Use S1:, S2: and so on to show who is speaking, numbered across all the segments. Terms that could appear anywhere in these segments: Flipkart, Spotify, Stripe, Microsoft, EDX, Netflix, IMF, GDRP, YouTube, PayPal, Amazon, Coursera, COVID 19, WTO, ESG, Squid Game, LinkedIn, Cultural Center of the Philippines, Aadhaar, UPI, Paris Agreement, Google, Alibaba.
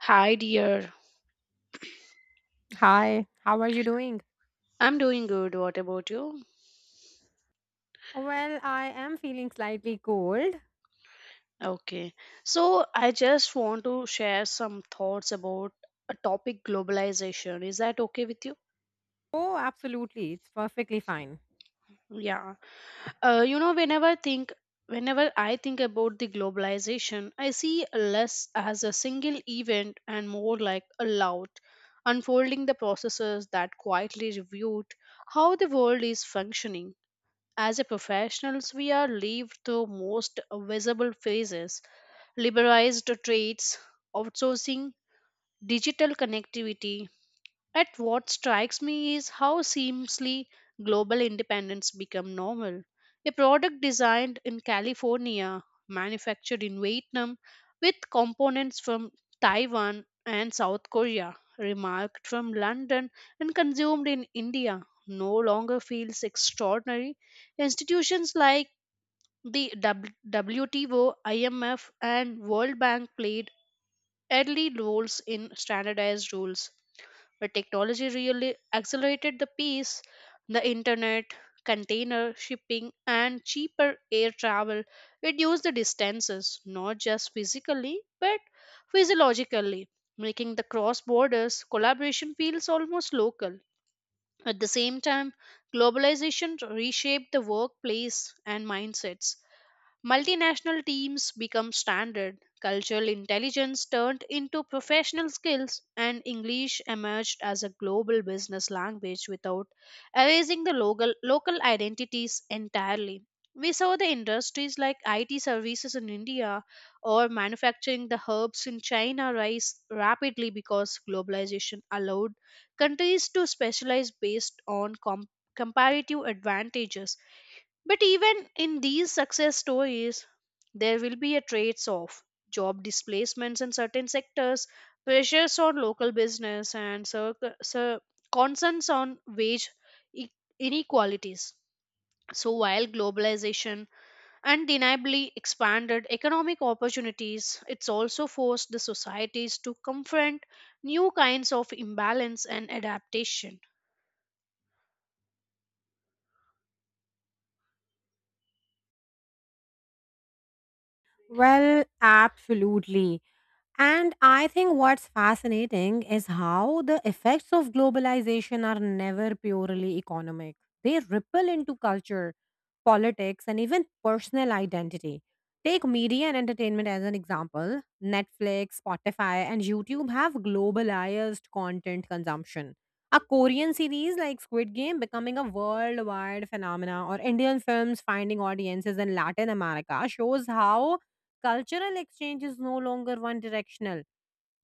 S1: Hi, dear.
S2: Hi, how are you doing?
S1: I'm doing good. What about you?
S2: Well, I am feeling slightly cold.
S1: Okay. So, I just want to share some thoughts about a topic globalization. Is that okay with you?
S2: Oh, absolutely. It's perfectly fine.
S1: Yeah. Uh, you know, whenever think whenever I think about the globalization, I see less as a single event and more like a loud unfolding the processes that quietly reviewed how the world is functioning. As a professionals, we are lived through most visible phases liberalized trades, outsourcing, digital connectivity. At what strikes me is how seamlessly global independence become normal. A product designed in California, manufactured in Vietnam, with components from Taiwan and South Korea, remarked from London and consumed in India, no longer feels extraordinary. Institutions like the WTO, IMF, and World Bank played early roles in standardized rules, but technology really accelerated the pace. The internet, container shipping, and cheaper air travel reduced the distances, not just physically, but physiologically, making the cross borders collaboration feels almost local. At the same time, globalization reshaped the workplace and mindsets. Multinational teams become standard, cultural intelligence turned into professional skills, and English emerged as a global business language without erasing the local identities entirely. We saw the industries like IT services in India or manufacturing the herbs in China rise rapidly because globalization allowed countries to specialize based on comparative advantages, but even in these success stories, there will be a trades off job displacements in certain sectors, pressures on local business, and cir- concerns on wage e- inequalities. So, while globalization undeniably expanded economic opportunities, it's also forced the societies to confront new kinds of imbalance and adaptation.
S2: Well, absolutely. And I think what's fascinating is how the effects of globalization are never purely economic. They ripple into culture, politics, and even personal identity. Take media and entertainment as an example. Netflix, Spotify, and YouTube have globalized content consumption. A Korean series like Squid Game becoming a worldwide phenomena, or Indian films finding audiences in Latin America shows how cultural exchange is no longer one directional.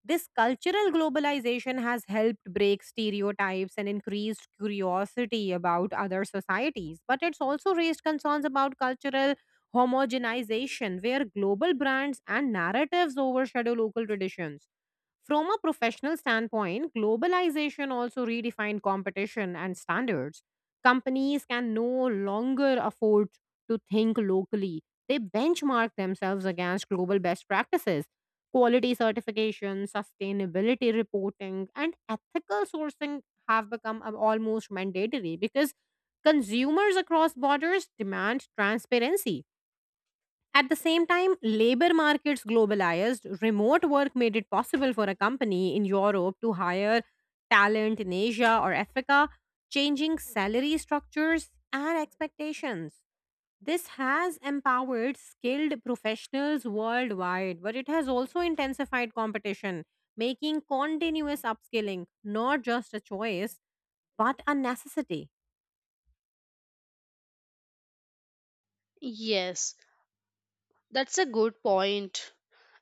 S2: This cultural globalization has helped break stereotypes and increased curiosity about other societies, but it's also raised concerns about cultural homogenization, where global brands and narratives overshadow local traditions. From a professional standpoint, globalization also redefined competition and standards. Companies can no longer afford to think locally, they benchmark themselves against global best practices. Quality certification, sustainability reporting, and ethical sourcing have become almost mandatory because consumers across borders demand transparency. At the same time, labor markets globalized, remote work made it possible for a company in Europe to hire talent in Asia or Africa, changing salary structures and expectations. This has empowered skilled professionals worldwide, but it has also intensified competition, making continuous upskilling not just a choice, but a necessity.
S1: Yes, that's a good point.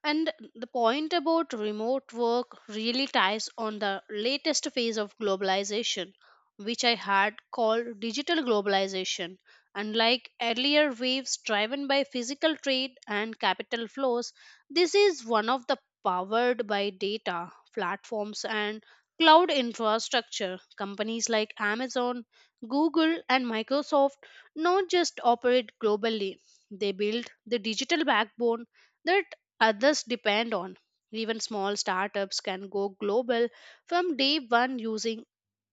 S1: And the point about remote work really ties on the latest phase of globalization, which I had called digital globalization. Unlike earlier waves driven by physical trade and capital flows, this is one of the powered by data, platforms, and cloud infrastructure. Companies like Amazon, Google, and Microsoft not just operate globally, they build the digital backbone that others depend on. Even small startups can go global from day one using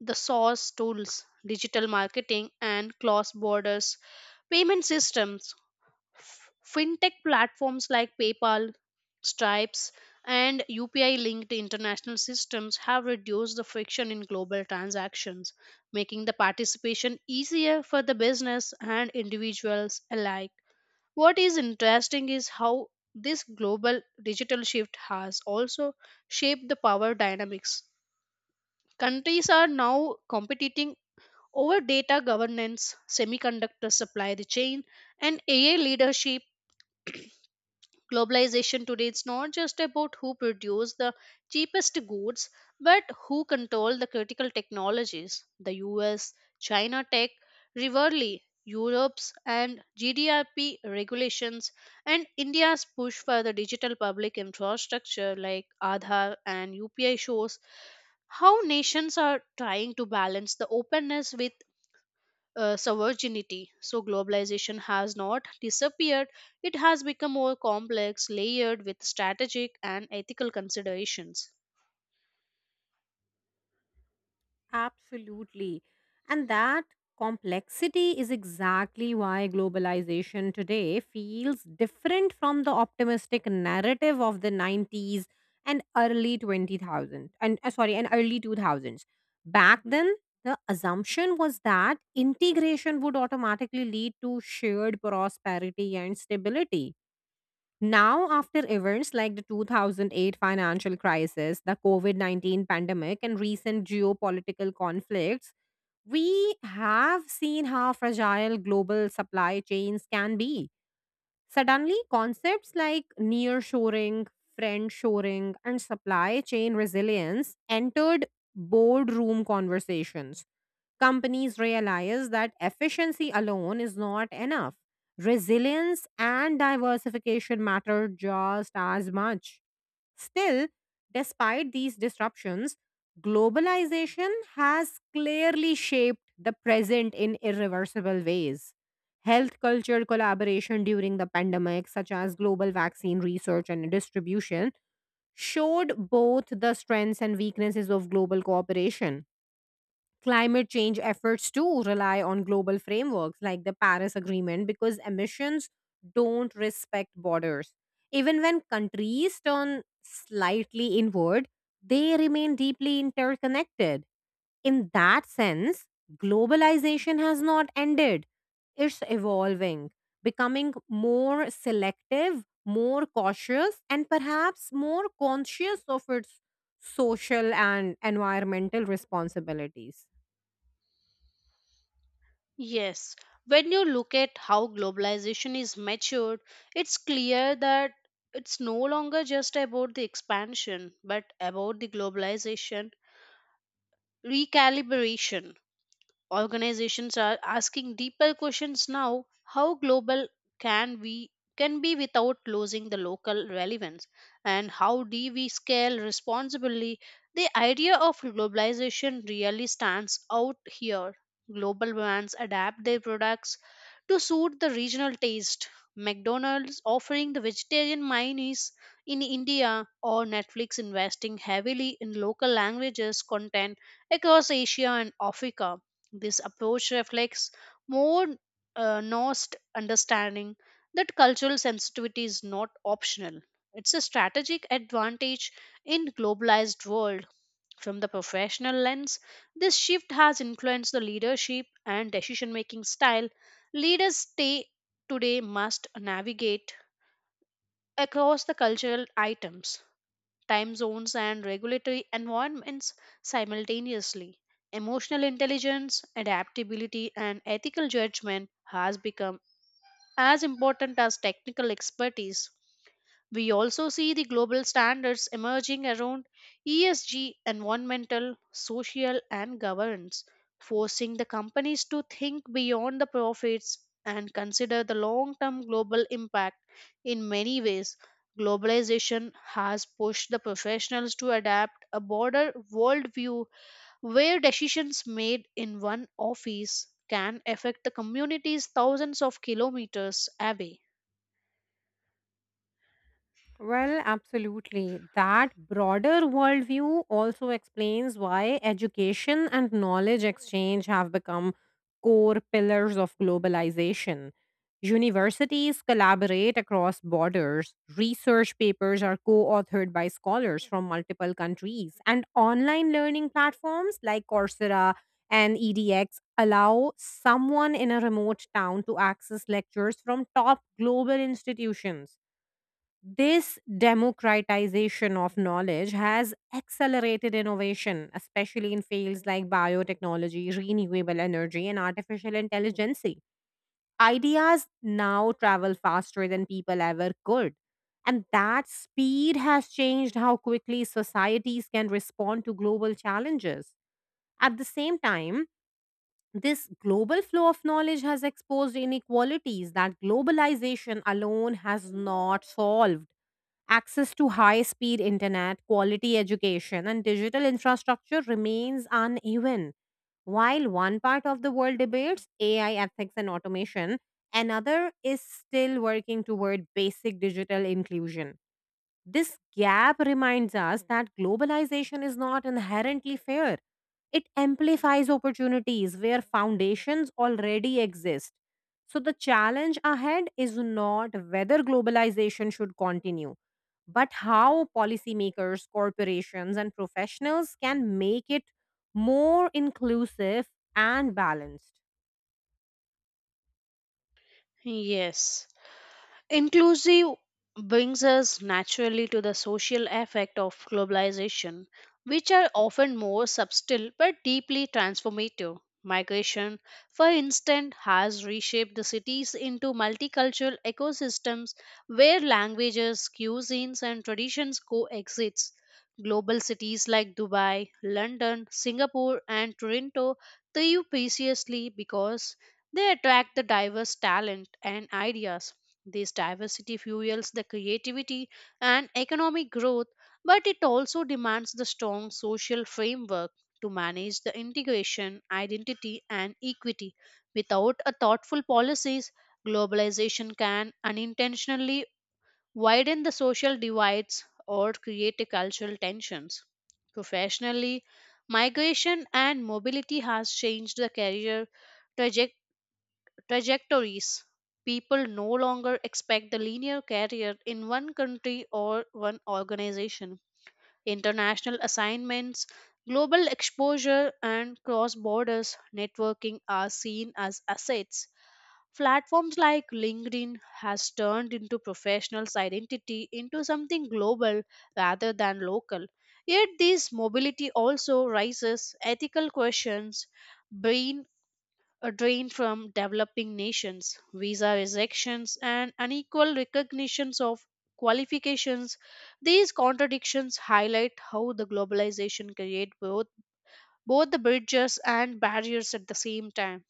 S1: the source tools, digital marketing, and cross borders payment systems. Fintech platforms like PayPal, Stripes, and UPI linked international systems have reduced the friction in global transactions, making the participation easier for the business and individuals alike. What is interesting is how this global digital shift has also shaped the power dynamics. Countries are now competing over data governance, semiconductor supply chain, and AI leadership. Globalization today is not just about who produce the cheapest goods, but who control the critical technologies. The US, China tech, rivalry, Europe's and GDRP regulations, and India's push for the digital public infrastructure like Aadhaar and UPI shows how nations are trying to balance the openness with sovereignty. So globalization has not disappeared. It has become more complex, layered with strategic and ethical considerations.
S2: Absolutely. And that complexity is exactly why globalization today feels different from the optimistic narrative of the 90s and early 2000s. Back then, the assumption was that integration would automatically lead to shared prosperity and stability now, after events like the 2008 financial crisis, the COVID 19 pandemic, and recent geopolitical conflicts, we have seen how fragile global supply chains can be. Suddenly, concepts like nearshoring, friendshoring, and supply chain resilience entered boardroom conversations. Companies realize that efficiency alone is not enough. Resilience and diversification matter just as much. Still, despite these disruptions, globalization has clearly shaped the present in irreversible ways. Health culture collaboration during the pandemic, such as global vaccine research and distribution, showed both the strengths and weaknesses of global cooperation. Climate change efforts too rely on global frameworks like the Paris Agreement because emissions don't respect borders. Even when countries turn slightly inward, they remain deeply interconnected. In that sense, globalization has not ended, it's evolving, becoming more selective, more cautious, and perhaps more conscious of its social and environmental responsibilities.
S1: Yes, when you look at how globalization is matured, it's clear that it's no longer just about the expansion, but about the globalization recalibration. Organizations are asking deeper questions now. How global can we can be without losing the local relevance, and how do we scale responsibly? The idea of globalization really stands out here. Global brands adapt their products to suit the regional taste, McDonald's offering the vegetarian mayonnaise in India, or Netflix investing heavily in local languages content across Asia and Africa. This approach reflects more nuanced understanding that cultural sensitivity is not optional. It's a strategic advantage in globalized world. From the professional lens, this shift has influenced the leadership and decision-making style. Leaders stay today must navigate across the cultural items, time zones, and regulatory environments simultaneously. Emotional intelligence, adaptability, and ethical judgment has become as important as technical expertise. We also see the global standards emerging around ESG, environmental, social, and governance, forcing the companies to think beyond the profits and consider the long term global impact. In many ways, globalization has pushed the professionals to adapt a broader worldview where decisions made in one office can affect the communities thousands of kilometers away.
S2: Well, absolutely. That broader worldview also explains why education and knowledge exchange have become core pillars of globalization. Universities collaborate across borders, research papers are co authored by scholars from multiple countries, and online learning platforms like Coursera and EDX allow someone in a remote town to access lectures from top global institutions. This democratization of knowledge has accelerated innovation, especially in fields like biotechnology, renewable energy, and artificial intelligence. Ideas now travel faster than people ever could. And that speed has changed how quickly societies can respond to global challenges. At the same time, this global flow of knowledge has exposed inequalities that globalization alone has not solved. Access to high speed internet, quality education, and digital infrastructure remains uneven. While one part of the world debates AI ethics and automation, another is still working toward basic digital inclusion. This gap reminds us that globalization is not inherently fair. It amplifies opportunities where foundations already exist. So, the challenge ahead is not whether globalization should continue, but how policymakers, corporations, and professionals can make it more inclusive and balanced.
S1: Yes. Inclusive brings us naturally to the social effect of globalization, which are often more subtle but deeply transformative. Migration, for instance, has reshaped the cities into multicultural ecosystems where languages, cuisines, and traditions coexist. Global cities like Dubai, London, Singapore, and Toronto thrive preciously because they attract the diverse talent and ideas. This diversity fuels the creativity and economic growth, but it also demands the strong social framework to manage the integration, identity, and equity. Without a thoughtful policies, globalization can unintentionally widen the social divides or create a cultural tensions. Professionally, migration and mobility has changed the career trajectories. People no longer expect the linear career in one country or one organization. International assignments, global exposure, and cross borders networking are seen as assets. Platforms like LinkedIn has turned into professionals' identity into something global rather than local. Yet this mobility also raises ethical questions. Brain a drain from developing nations, visa rejections, and unequal recognitions of qualifications. These contradictions highlight how the globalization creates both the bridges and barriers at the same time.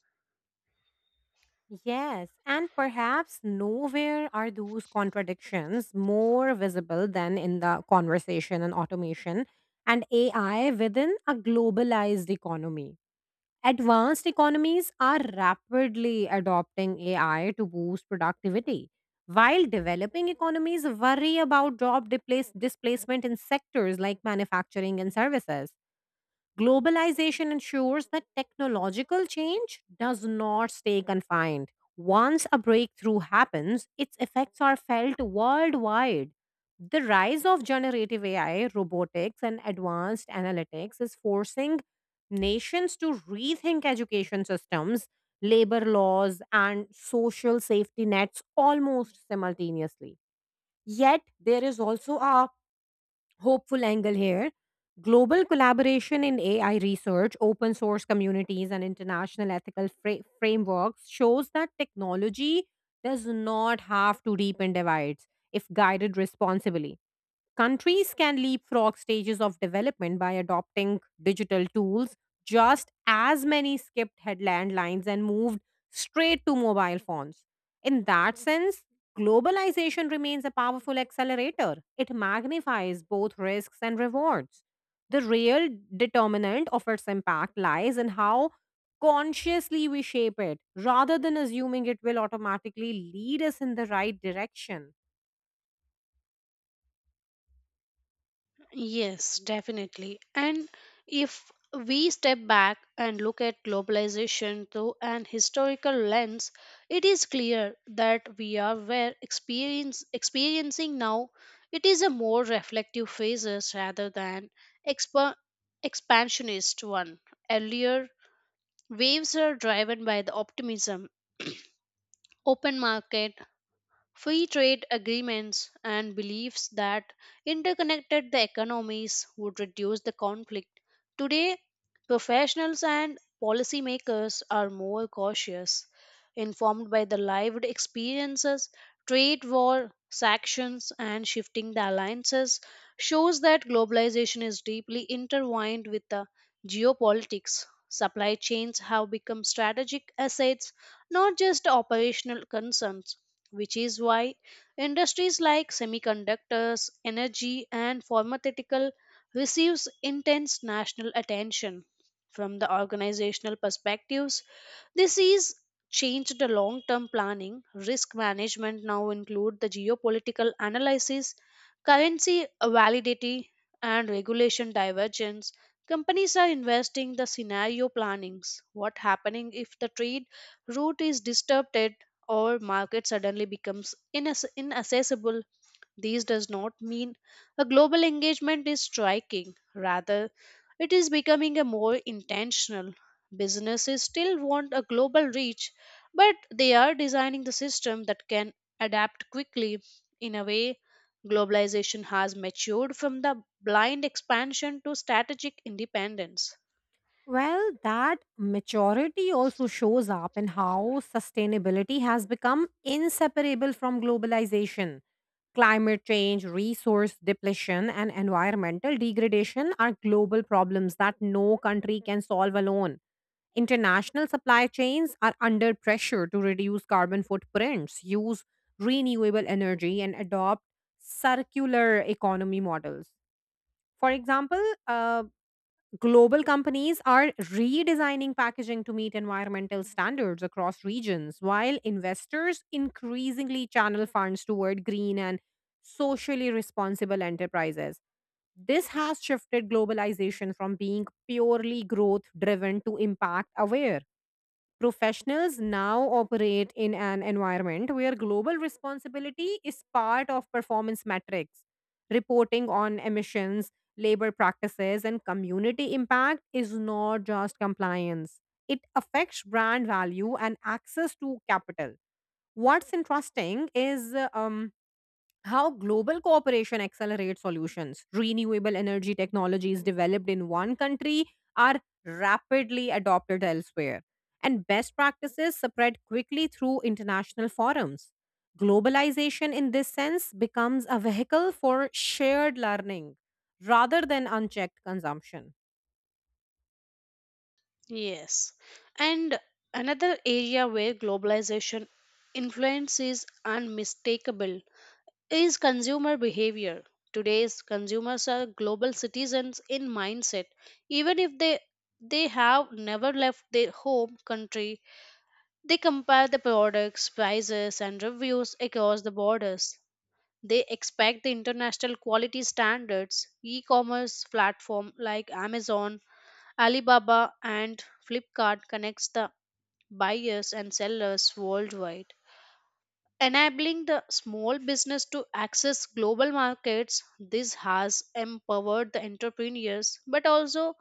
S2: Yes, and perhaps nowhere are those contradictions more visible than in the conversation and automation and AI within a globalized economy. Advanced economies are rapidly adopting AI to boost productivity, while developing economies worry about job displacement in sectors like manufacturing and services. Globalization ensures that technological change does not stay confined. Once a breakthrough happens, its effects are felt worldwide. The rise of generative AI, robotics, and advanced analytics is forcing nations to rethink education systems, labor laws, and social safety nets almost simultaneously. Yet, there is also a hopeful angle here. Global collaboration in AI research, open source communities, and international ethical frameworks shows that technology does not have to deepen divides if guided responsibly. Countries can leapfrog stages of development by adopting digital tools. Just as many skipped headland lines and moved straight to mobile phones. In that sense, globalization remains a powerful accelerator. It magnifies both risks and rewards. The real determinant of its impact lies in how consciously we shape it rather than assuming it will automatically lead us in the right direction.
S1: Yes, definitely. And if we step back and look at globalization through an historical lens, it is clear that we are where experience experiencing now. It is a more reflective phases rather than expa- expansionist one. Earlier waves are driven by the optimism, open market, free trade agreements and beliefs that interconnected the economies would reduce the conflict. Today, professionals and policymakers are more cautious, informed by the lived experiences, trade war, sanctions, and shifting the alliances shows that globalization is deeply intertwined with the geopolitics. Supply chains have become strategic assets, not just operational concerns, which is why industries like semiconductors, energy, and pharmaceutical receives intense national attention. From the organizational perspectives, this is changed the long-term planning. Risk management now include the geopolitical analysis, currency validity, and regulation divergence. Companies are investing the scenario plannings. What happening if the trade route is disrupted, or market suddenly becomes inaccessible? This does not mean a global engagement is striking. Rather, it is becoming a more intentional. Businesses still want a global reach, but they are designing the system that can adapt quickly. In a way, globalization has matured from the blind expansion to strategic independence.
S2: Well, that maturity also shows up in how sustainability has become inseparable from globalization. Climate change, resource depletion, and environmental degradation are global problems that no country can solve alone. International supply chains are under pressure to reduce carbon footprints, use renewable energy, and adopt circular economy models. For example, global companies are redesigning packaging to meet environmental standards across regions, while investors increasingly channel funds toward green and socially responsible enterprises. This has shifted globalization from being purely growth driven to impact aware. Professionals now operate in an environment where global responsibility is part of performance metrics. Reporting on emissions, labor practices, and community impact is not just compliance, it affects brand value and access to capital. What's interesting is how global cooperation accelerates solutions. Renewable energy technologies developed in one country are rapidly adopted elsewhere, and best practices spread quickly through international forums. Globalization, in this sense, becomes a vehicle for shared learning rather than unchecked consumption.
S1: Yes. And another area where globalization influence is unmistakable is consumer behavior. Today's consumers are global citizens in mindset. Even if they have never left their home country, they compare the products, prices and reviews across the borders. They expect the international quality standards. E-commerce platform like Amazon, Alibaba and Flipkart connects the buyers and sellers worldwide. Enabling the small business to access global markets, this has empowered the entrepreneurs but also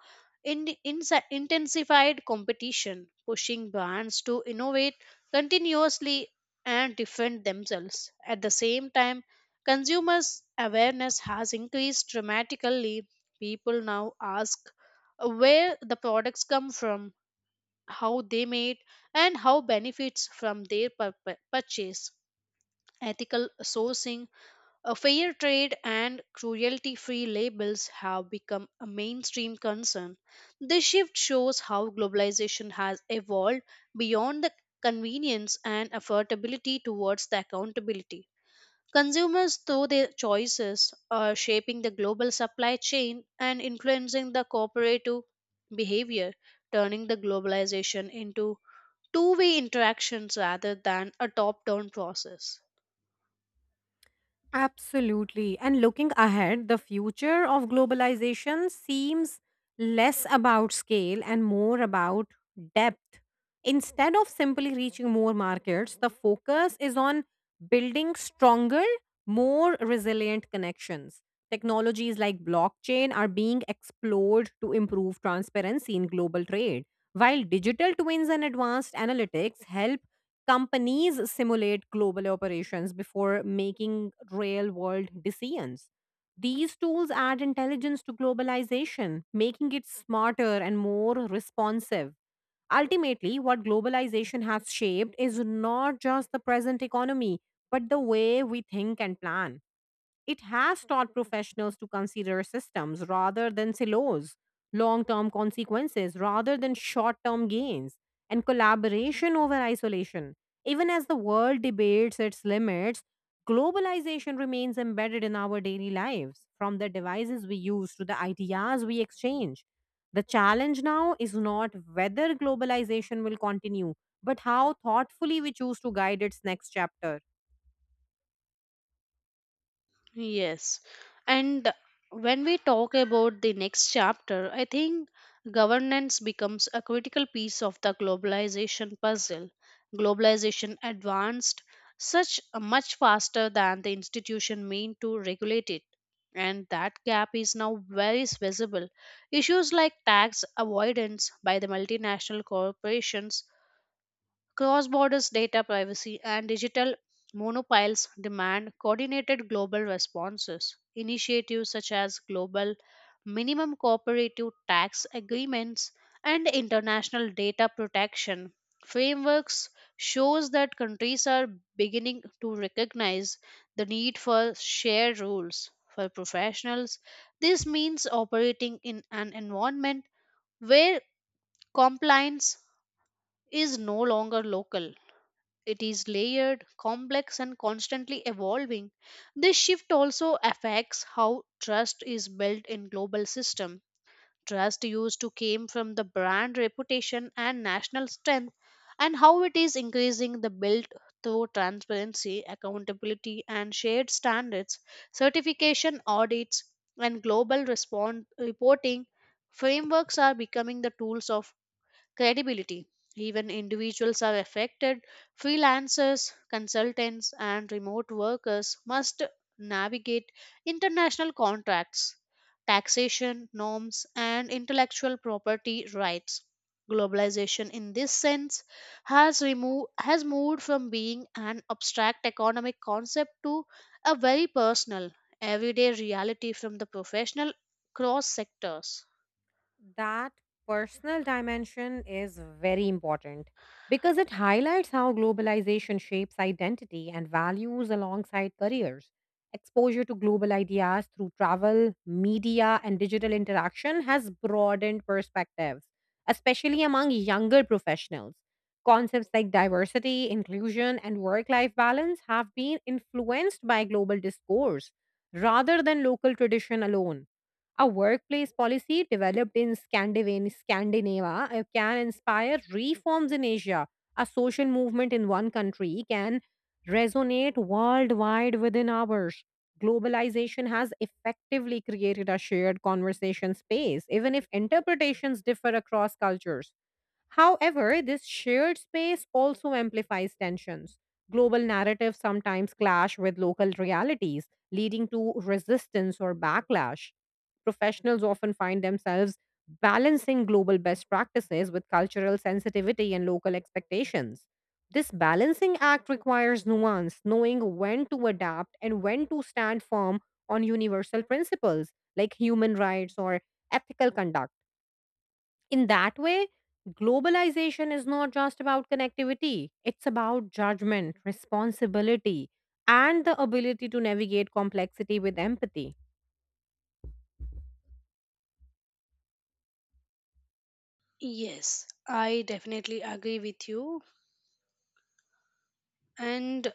S1: intensified competition, pushing brands to innovate continuously and defend themselves. At the same time, consumers' awareness has increased dramatically. People now ask where the products come from, how they made, and how benefits from their purchase. Ethical sourcing, a fair trade, and cruelty free labels have become a mainstream concern. This shift shows how globalization has evolved beyond the convenience and affordability towards the accountability. Consumers, through their choices, are shaping the global supply chain and influencing the cooperative behavior, turning the globalization into two-way interactions rather than a top down process.
S2: Absolutely. And looking ahead, the future of globalization seems less about scale and more about depth. Instead of simply reaching more markets, the focus is on building stronger, more resilient connections. Technologies like blockchain are being explored to improve transparency in global trade, while digital twins and advanced analytics help companies simulate global operations before making real world decisions. These tools add intelligence to globalization, making it smarter and more responsive. Ultimately, what globalization has shaped is not just the present economy, but the way we think and plan. It has taught professionals to consider systems rather than silos, long term consequences rather than short term gains, and collaboration over isolation. Even as the world debates its limits, globalization remains embedded in our daily lives, from the devices we use to the ideas we exchange. The challenge now is not whether globalization will continue, but how thoughtfully we choose to guide its next chapter.
S1: Yes. And when we talk about the next chapter, I think governance becomes a critical piece of the globalization puzzle. Globalization advanced such much faster than the institution meant to regulate it. And that gap is now very visible. Issues like tax avoidance by the multinational corporations, cross border data privacy and digital monopiles demand coordinated global responses. Initiatives such as global minimum cooperative tax agreements and international data protection frameworks shows that countries are beginning to recognize the need for shared rules for professionals. This means operating in an environment where compliance is no longer local. It is layered, complex, and constantly evolving. This shift also affects how trust is built in global system. Trust used to came from the brand reputation and national strength, and how it is increasing the built through transparency, accountability, and shared standards, certification audits, and global respond reporting frameworks are becoming the tools of credibility. Even individuals are affected. Freelancers, consultants, and remote workers must navigate international contracts, taxation norms, and intellectual property rights. Globalization, in this sense, has moved from being an abstract economic concept to a very personal, everyday reality from the professional cross sectors.
S2: That personal dimension is very important because it highlights how globalization shapes identity and values alongside careers. Exposure to global ideas through travel, media, and digital interaction has broadened perspectives, especially among younger professionals. Concepts like diversity, inclusion, and work life balance have been influenced by global discourse rather than local tradition alone. A workplace policy developed in Scandinavia can inspire reforms in Asia. A social movement in one country can resonate worldwide within hours. Globalization has effectively created a shared conversation space, even if interpretations differ across cultures. However, this shared space also amplifies tensions. Global narratives sometimes clash with local realities, leading to resistance or backlash. Professionals often find themselves balancing global best practices with cultural sensitivity and local expectations. This balancing act requires nuance, knowing when to adapt and when to stand firm on universal principles like human rights or ethical conduct. In that way, globalization is not just about connectivity, it's about judgment, responsibility, and the ability to navigate complexity with empathy.
S1: Yes, I definitely agree with you. And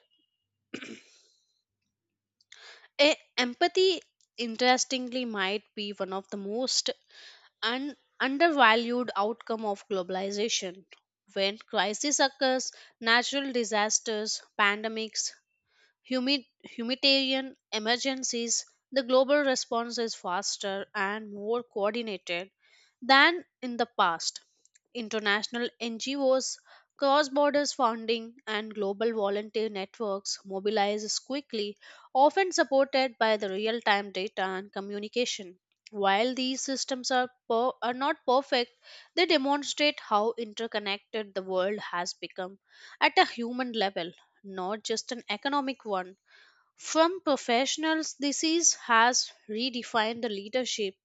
S1: eh, empathy, interestingly, might be one of the most undervalued outcome of globalization. When crisis occurs, natural disasters, pandemics, humanitarian emergencies, the global response is faster and more coordinated than in the past. International NGOs, cross border funding, and global volunteer networks mobilize quickly, often supported by the real time data and communication. While these systems are not perfect, they demonstrate how interconnected the world has become at a human level, not just an economic one. From professionals, has redefined the leadership.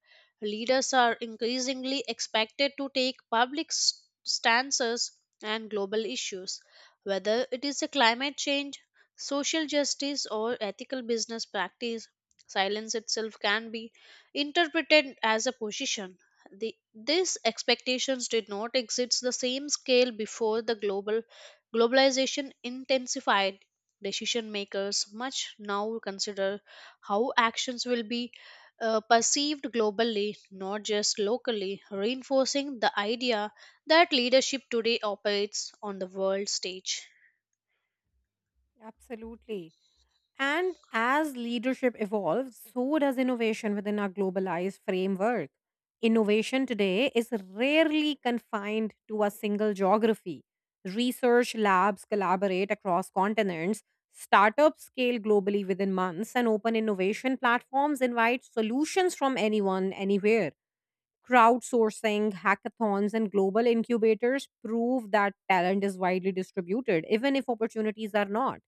S1: Leaders are increasingly expected to take public stances on global issues, whether it is a climate change, social justice, or ethical business practice. Silence itself can be interpreted as a position. These expectations did not exist the same scale before the globalization intensified. Decision makers much now consider how actions will be perceived globally, not just locally, reinforcing the idea that leadership today operates on the world stage.
S2: Absolutely. And as leadership evolves, so does innovation within our globalized framework. Innovation today is rarely confined to a single geography. Research labs collaborate across continents, startups scale globally within months, and open innovation platforms invite solutions from anyone, anywhere. Crowdsourcing, hackathons, and global incubators prove that talent is widely distributed, even if opportunities are not.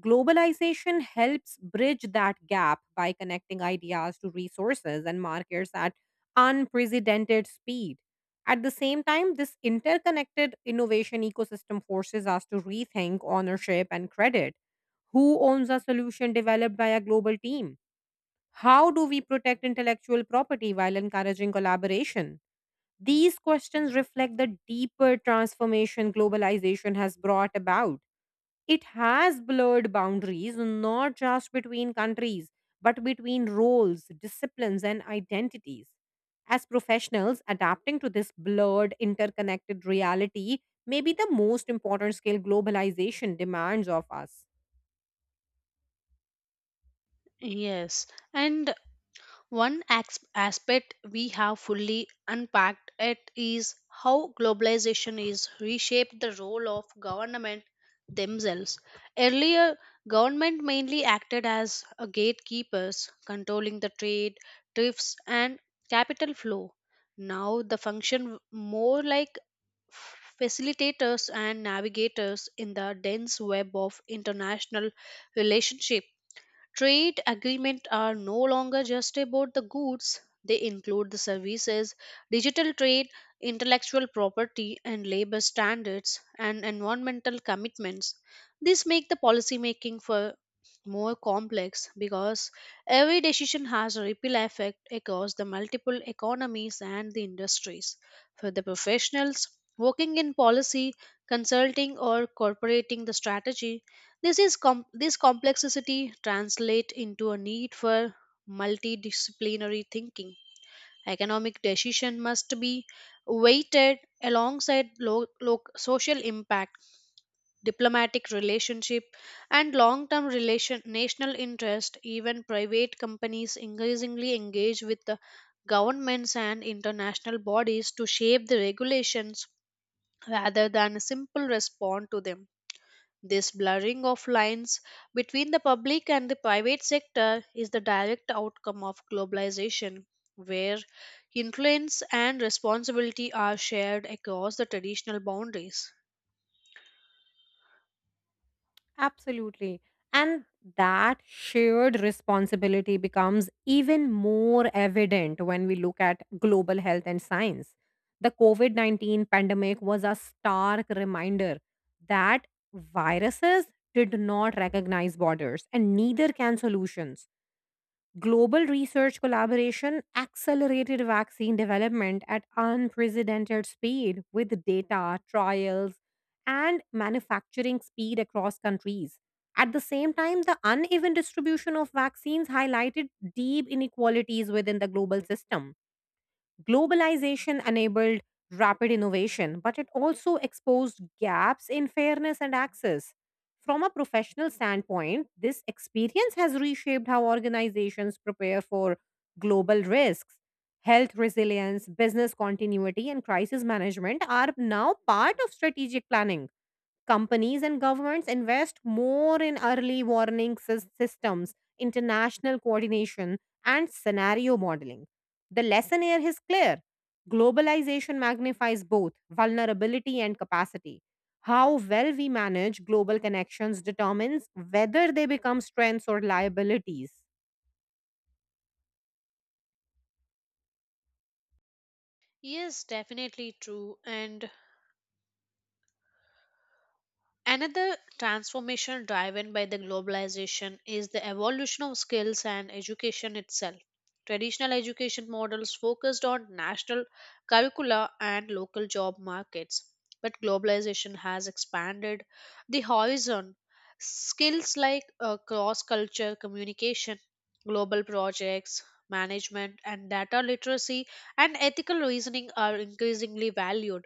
S2: Globalization helps bridge that gap by connecting ideas to resources and markets at unprecedented speed. At the same time, this interconnected innovation ecosystem forces us to rethink ownership and credit. Who owns a solution developed by a global team? How do we protect intellectual property while encouraging collaboration? These questions reflect the deeper transformation globalization has brought about. It has blurred boundaries not just between countries, but between roles, disciplines, and identities. As professionals, adapting to this blurred, interconnected reality may be the most important skill globalization demands of us.
S1: Yes, and one aspect we have fully unpacked it is how globalization is reshaped the role of government themselves. Earlier, government mainly acted as a gatekeepers, controlling the trade, tariffs, and capital flow. Now, the function more like facilitators and navigators in the dense web of international relationships. Trade agreements are no longer just about the goods, they include the services, digital trade, intellectual property and labor standards, and environmental commitments. This make the policymaking for more complex because every decision has a ripple effect across the multiple economies and the industries. For the professionals working in policy, consulting or corporating the strategy, this complexity translate into a need for multidisciplinary thinking. Economic decision must be weighted alongside social impact, diplomatic relationship, and long-term relation national interest. Even private companies increasingly engage with the governments and international bodies to shape the regulations rather than a simple respond to them. This blurring of lines between the public and the private sector is the direct outcome of globalization, where influence and responsibility are shared across the traditional boundaries.
S2: Absolutely. And that shared responsibility becomes even more evident when we look at global health and science. The COVID 19 pandemic was a stark reminder that viruses did not recognize borders, and neither can solutions. Global research collaboration accelerated vaccine development at unprecedented speed with data, trials, and manufacturing speed across countries. At the same time, the uneven distribution of vaccines highlighted deep inequalities within the global system. Globalization enabled rapid innovation, but it also exposed gaps in fairness and access. From a professional standpoint, this experience has reshaped how organizations prepare for global risks. Health resilience, business continuity, and crisis management are now part of strategic planning. Companies and governments invest more in early warning systems, international coordination, and scenario modeling. The lesson here is clear. Globalization magnifies both vulnerability and capacity. How well we manage global connections determines whether they become strengths or liabilities.
S1: Yes, definitely true. And another transformation driven by the globalization is the evolution of skills and education itself. Traditional education models focused on national curricula and local job markets, but globalization has expanded the horizon. Skills like cross culture communication, global projects, management, and data literacy and ethical reasoning are increasingly valued.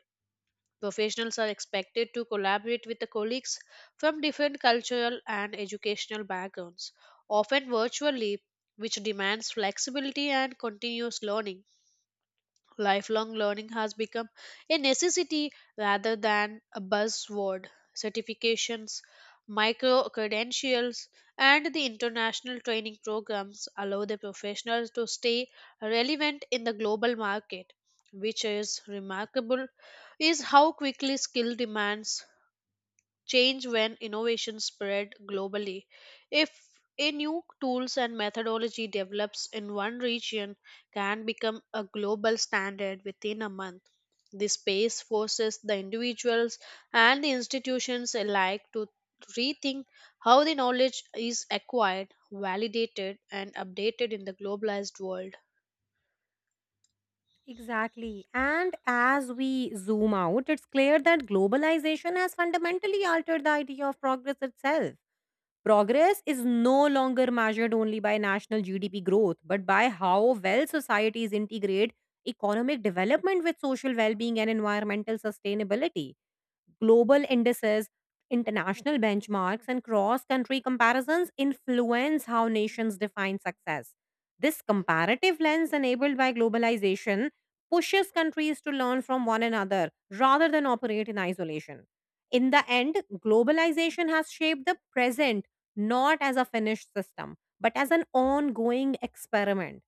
S1: Professionals are expected to collaborate with the colleagues from different cultural and educational backgrounds, often virtually, which demands flexibility and continuous learning. Lifelong learning has become a necessity rather than a buzzword. Certifications, micro credentials, and the international training programs allow the professionals to stay relevant in the global market, which is remarkable, is how quickly skill demands change when innovation spread globally. If a new tools and methodology develops in one region can become a global standard within a month. This pace forces the individuals and the institutions alike to rethink how the knowledge is acquired, validated, and updated in the globalized world.
S2: Exactly. And as we zoom out, it's clear that globalization has fundamentally altered the idea of progress itself. Progress is no longer measured only by national GDP growth, but by how well societies integrate economic development with social well being and environmental sustainability. Global indices, international benchmarks, and cross country comparisons influence how nations define success. This comparative lens enabled by globalization pushes countries to learn from one another rather than operate in isolation. In the end, globalization has shaped the present not as a finished system, but as an ongoing experiment.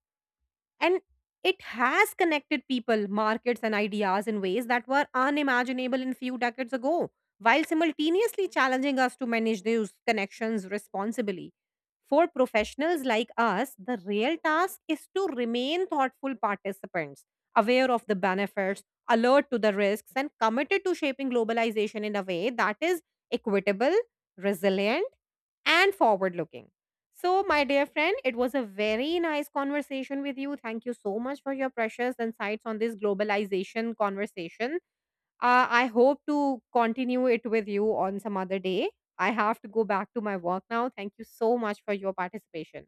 S2: And it has connected people, markets, and ideas in ways that were unimaginable in few decades ago, while simultaneously challenging us to manage those connections responsibly. For professionals like us, the real task is to remain thoughtful participants, aware of the benefits, alert to the risks, and committed to shaping globalization in a way that is equitable, resilient, and forward looking. So, my dear friend, it was a very nice conversation with you. Thank you so much for your precious insights on this globalization conversation. I hope to continue it with you on some other day. I have to go back to my work now. Thank you so much for your participation.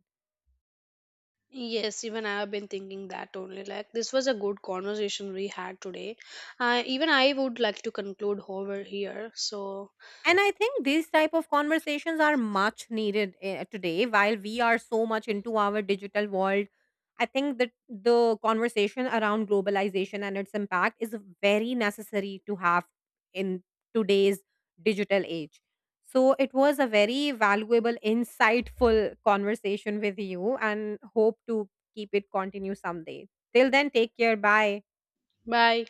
S1: Yes, even I have been thinking that only. Like, this was a good conversation we had today. Even I would like to conclude over here. So,
S2: And I think these type of conversations are much needed today. While we are so much into our digital world, I think that the conversation around globalization and its impact is very necessary to have in today's digital age. So it was a very valuable, insightful conversation with you, and hope to keep it continue someday. Till then, take care. Bye.
S1: bye.